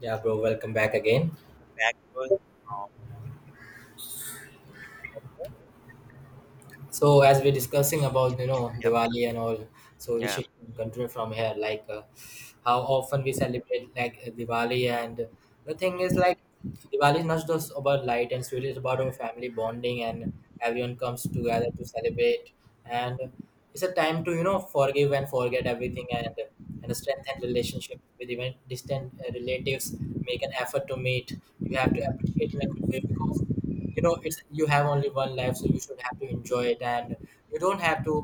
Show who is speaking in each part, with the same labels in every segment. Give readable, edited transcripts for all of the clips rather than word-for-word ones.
Speaker 1: Yeah, bro, welcome back again.
Speaker 2: Back, bro. Oh,
Speaker 1: So, as we're discussing about
Speaker 2: yep.
Speaker 1: Diwali and all, so we
Speaker 2: Yeah.
Speaker 1: should continue from here. How often we celebrate Diwali, and the thing is like Diwali is not just about light and sweet; it's about our family bonding, and everyone comes together to celebrate. And it's a time to forgive and forget everything, and strengthen relationship with even distant relatives. Make an effort to meet. You have to appreciate in a good way because it's you have only one life so you should have to enjoy it and you don't have to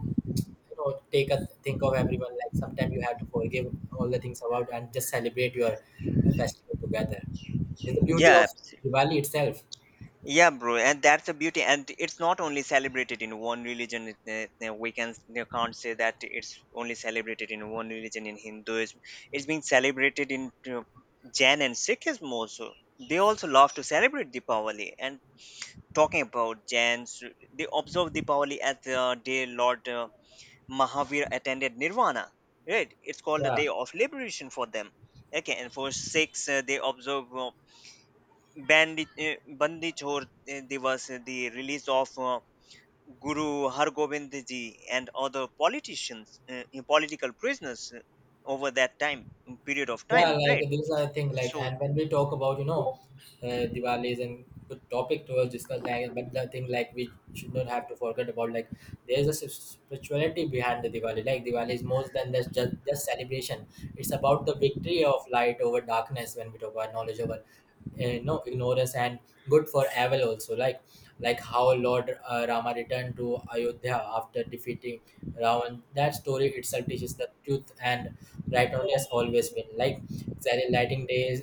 Speaker 1: take a think of everyone like sometimes you have to forgive all the things about and just celebrate your festival together. It's the beauty
Speaker 2: Yeah.
Speaker 1: of diwali itself.
Speaker 2: Yeah, bro. And that's the beauty. And it's not only celebrated in one religion. We can you can't say that it's only celebrated in one religion, in Hinduism. It's being celebrated in you Jain and Sikhism also. They also love to celebrate Deepavali. And talking about Jains, they observe Deepavali as the day Lord Mahavir attended Nirvana. Right? It's called the
Speaker 1: Yeah.
Speaker 2: day of liberation for them. Okay, and for six they observe Bandi Chhor Divas, the release of Guru Har Gobind Ji and other politicians, political prisoners, over that time, period of
Speaker 1: Yeah,
Speaker 2: time, right?
Speaker 1: like these are the thing. Like,
Speaker 2: So
Speaker 1: and when we talk about Diwali is a good topic to us discuss. Like, but the thing like we should not have to forget about like there is a spirituality behind the Diwali. Like Diwali is more than just celebration. It's about the victory of light over darkness when we talk about knowledge over ignore and good for evil also like how Lord Rama returned to Ayodhya after defeating Ravan. That story itself teaches the truth and right only has always been like Sally lighting days,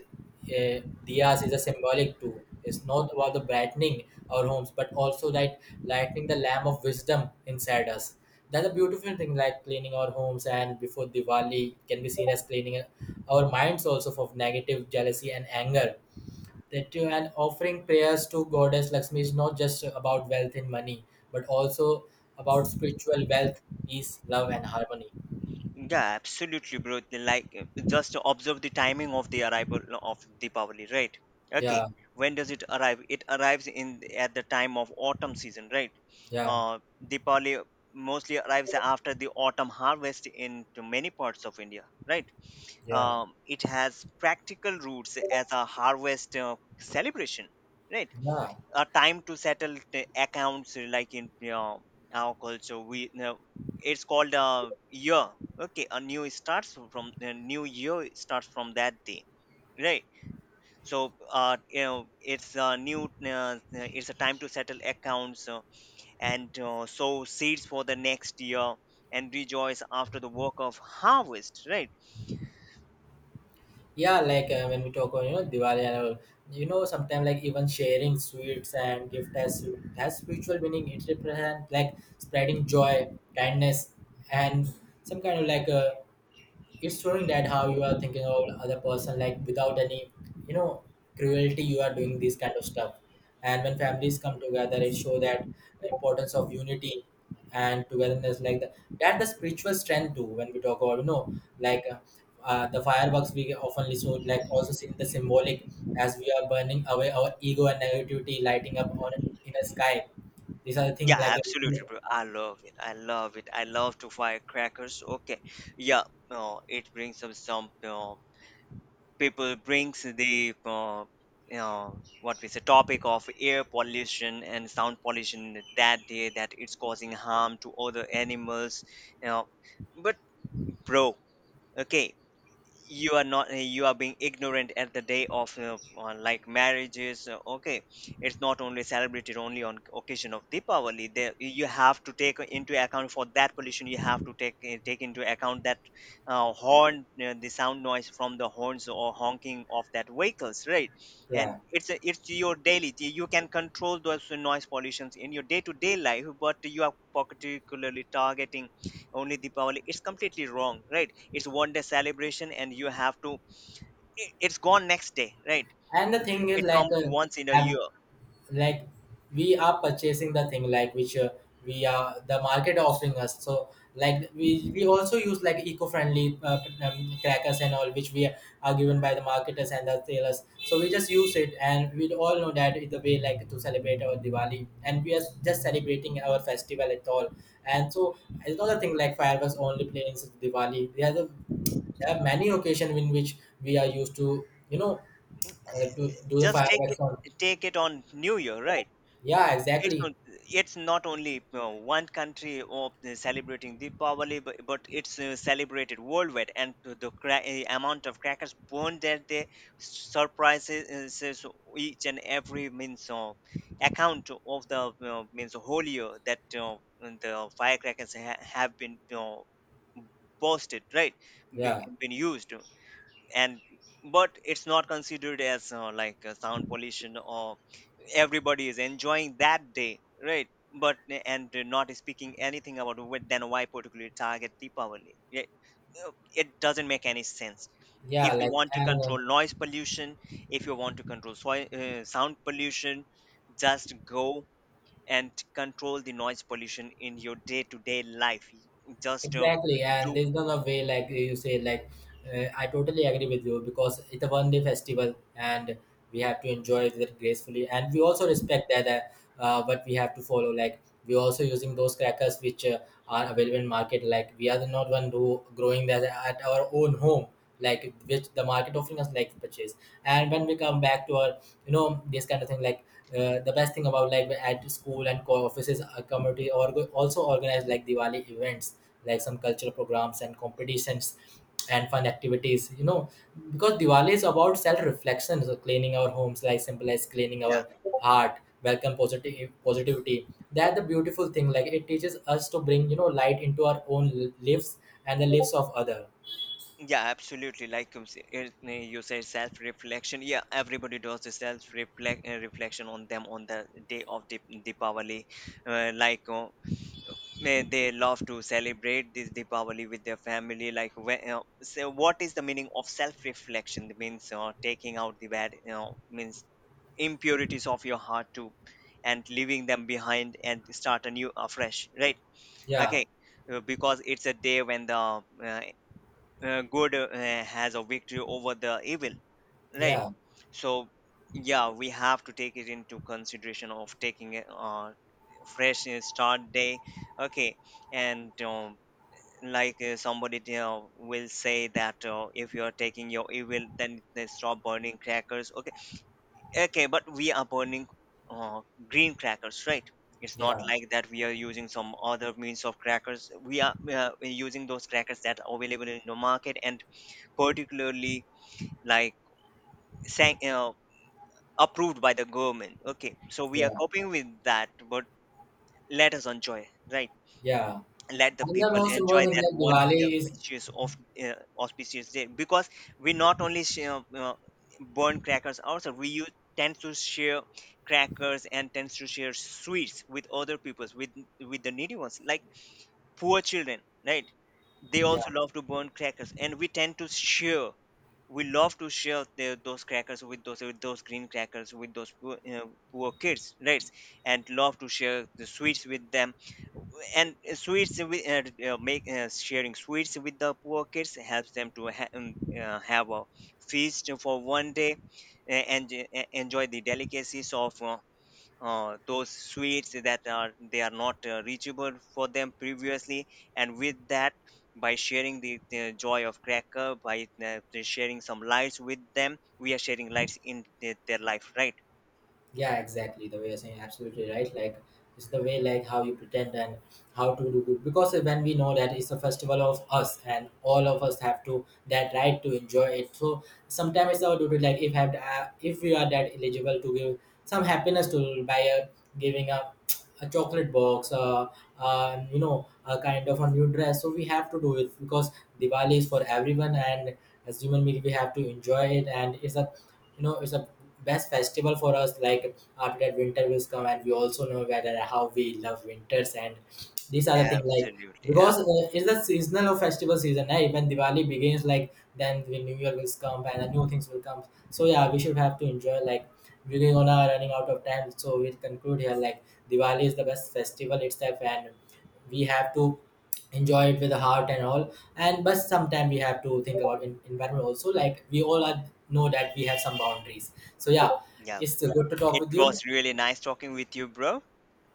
Speaker 1: uh, diyas is a symbolic tool. It's not about the brightening our homes but also like lighting the lamp of wisdom inside us. That's a beautiful thing like cleaning our homes and before Diwali can be seen as cleaning our minds also of negative jealousy and anger that you and offering prayers to goddess Lakshmi is not just about wealth and money, but also about spiritual wealth, peace, love, and harmony.
Speaker 2: yeah, absolutely, bro. Like, just observe the timing of the arrival of Deepavali, right?
Speaker 1: Yeah,
Speaker 2: Okay, when does it arrive? It arrives in at the time of autumn season, right?
Speaker 1: yeah,
Speaker 2: Uh, Deepavali mostly arrives after the autumn harvest in to many parts of India, right?
Speaker 1: yeah,
Speaker 2: It has practical roots as a harvest celebration, right?
Speaker 1: yeah,
Speaker 2: A time to settle the accounts like in our culture, we know it's called a year. Okay, a new starts from the new year starts from that day, right? So you know, it's a new it's a time to settle accounts, and sow seeds for the next year and rejoice after the work of harvest, right?
Speaker 1: yeah. When we talk on Diwali and all, sometimes like even sharing sweets and gift has spiritual meaning. It represents like spreading joy, kindness, and some kind of it's showing that how you are thinking of other person like without any you know cruelty you are doing this kind of stuff, and when families come together it show that the importance of unity and togetherness like that the spiritual strength too when we talk about like uh, the fireworks we often show like also seen the symbolic as we are burning away our ego and negativity lighting up on in the sky. These are the things
Speaker 2: Yeah, absolutely, bro. I love it. I love it. I love to firecrackers. Okay. Yeah, no, it brings up some, you know, people brings the you know, what we say topic of air pollution and sound pollution that day, that it's causing harm to other animals. You know, but bro, okay, you are not you are being ignorant at the day of like marriages, okay. It's not only celebrated only on occasion of Deepavali. There you have to take into account for that pollution. You have to take into account that horn the sound noise from the horns or honking of that vehicles, right?
Speaker 1: yeah.
Speaker 2: And it's your daily. You can control those noise pollutions in your day to day life, but you are particularly targeting only Deepavali. It's completely wrong, right? It's one day celebration and you have to it's gone next day, right?
Speaker 1: And the
Speaker 2: It's,
Speaker 1: thing is
Speaker 2: it comes once in a
Speaker 1: have
Speaker 2: year.
Speaker 1: like we are purchasing the thing like which we are the market offering us, so like we also use like eco-friendly crackers and all which we are given by the marketers and the sellers, so we just use it and we all know that it's a way like to celebrate our diwali and we are just celebrating our festival at all. And so it's not a thing like fireworks only planes diwali. There are many occasions in which we are used to to do the
Speaker 2: Just take
Speaker 1: fireworks
Speaker 2: it,
Speaker 1: on.
Speaker 2: take it on new year, right?
Speaker 1: Yeah,
Speaker 2: It's
Speaker 1: exactly.
Speaker 2: not, it's not only one country of celebrating Deepavali, but it's celebrated worldwide, and to the amount of crackers burned that day surprises each and every means account of the means holier that the firecrackers have been posted, right? Be,
Speaker 1: Yeah.
Speaker 2: been used. And but it's not considered as sound pollution or everybody is enjoying that day, right? But, and not speaking anything about what then why particularly target deepavali. Yeah, it doesn't make any sense.
Speaker 1: Yeah,
Speaker 2: If you
Speaker 1: like
Speaker 2: want to
Speaker 1: and
Speaker 2: control noise pollution, if you want to control sound pollution, just go and control the noise pollution in your day-to-day life. Just
Speaker 1: exactly, and
Speaker 2: do.
Speaker 1: there's no way like you say like I totally agree with you because it's a one day festival and we have to enjoy it gracefully and we also respect that what we have to follow like we're also using those crackers which are available in market like we are the not one who growing that at our own home, like which the market offering us like purchase. And when we come back to our this kind of thing the best thing about like at school and co offices a community or also organize like diwali events, like some cultural programs and competitions and fun activities, because diwali is about self reflection, so cleaning our homes like simple as cleaning
Speaker 2: Yeah.
Speaker 1: our heart welcome positive positivity. That's the beautiful thing like it teaches us to bring light into our own lives and the lives of other.
Speaker 2: Yeah, absolutely. Like you said, self reflection. Yeah, everybody does the self reflect reflection on them on the day of the Deepavali. Uh, like uh, may they love to celebrate this Deepavali with their family. Like, when, so what is the meaning of self reflection? It means taking out the bad, you know, means impurities of your heart too, and leaving them behind and start a new afresh. Right?
Speaker 1: Yeah,
Speaker 2: Okay. Because it's a day when the uh, good has a victory over the evil, right?
Speaker 1: yeah,
Speaker 2: So yeah, we have to take it into consideration of taking a fresh start day. Okay. And like somebody, you know, will say that if you are taking your evil then they stop burning crackers. Okay, okay, but we are burning uh, green crackers, right? It's not
Speaker 1: yeah,
Speaker 2: like that we are using some other means of crackers. We are using those crackers that are available in the market and particularly, like, sang, uh, approved by the government. Okay, so we are
Speaker 1: yeah,
Speaker 2: coping with that, but let us enjoy, right?
Speaker 1: yeah.
Speaker 2: Let the
Speaker 1: And the
Speaker 2: people
Speaker 1: most
Speaker 2: enjoy
Speaker 1: important thing
Speaker 2: that
Speaker 1: like
Speaker 2: one
Speaker 1: diwali is
Speaker 2: auspicious of auspicious day because we not only share, burn crackers ourselves, we use tend to share crackers and tends to share sweets with other peoples, with the needy ones, like poor children, right? They
Speaker 1: yeah.
Speaker 2: also love to burn crackers and we tend to share. We love to share those crackers with those, with those green crackers, with those poor, you know, poor kids, right? And love to share the sweets with them. And sweets with, make sharing sweets with the poor kids helps them to have a feast for one day, and enjoy the delicacies of those sweets that are they are not reachable for them previously. And with that, by sharing the joy of cracker, by sharing some lights with them, we are sharing lights in their life, right?
Speaker 1: Yeah, exactly the way you're saying absolutely right like it's the way like how you pretend and how to do good because when we know that it's a festival of us and all of us have to that right to enjoy it, so sometimes it's our duty like if have if we are that eligible to give some happiness to by giving up a chocolate box, you know, a kind of a new dress. So we have to do it because Diwali is for everyone, and as human being, we have to enjoy it. And it's a, you know, it's a best festival for us. Like after that, winter will come, and we also know whether how we love winters, and these are the things like
Speaker 2: Absolutely.
Speaker 1: because it's the seasonal of festival season. Eh? When Diwali begins, like then the New Year will come, and the new things will come. So yeah, we should have to enjoy like. We're gonna running out of time, so we'll conclude here. Like Diwali is the best festival itself, and we have to enjoy it with the heart and all. And but sometimes we have to think about environment also. Like we all are know that we have some boundaries. So yeah,
Speaker 2: Yeah,
Speaker 1: it's good to talk
Speaker 2: it
Speaker 1: with you.
Speaker 2: was really nice talking with you, bro.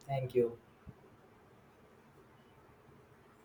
Speaker 1: Thank you.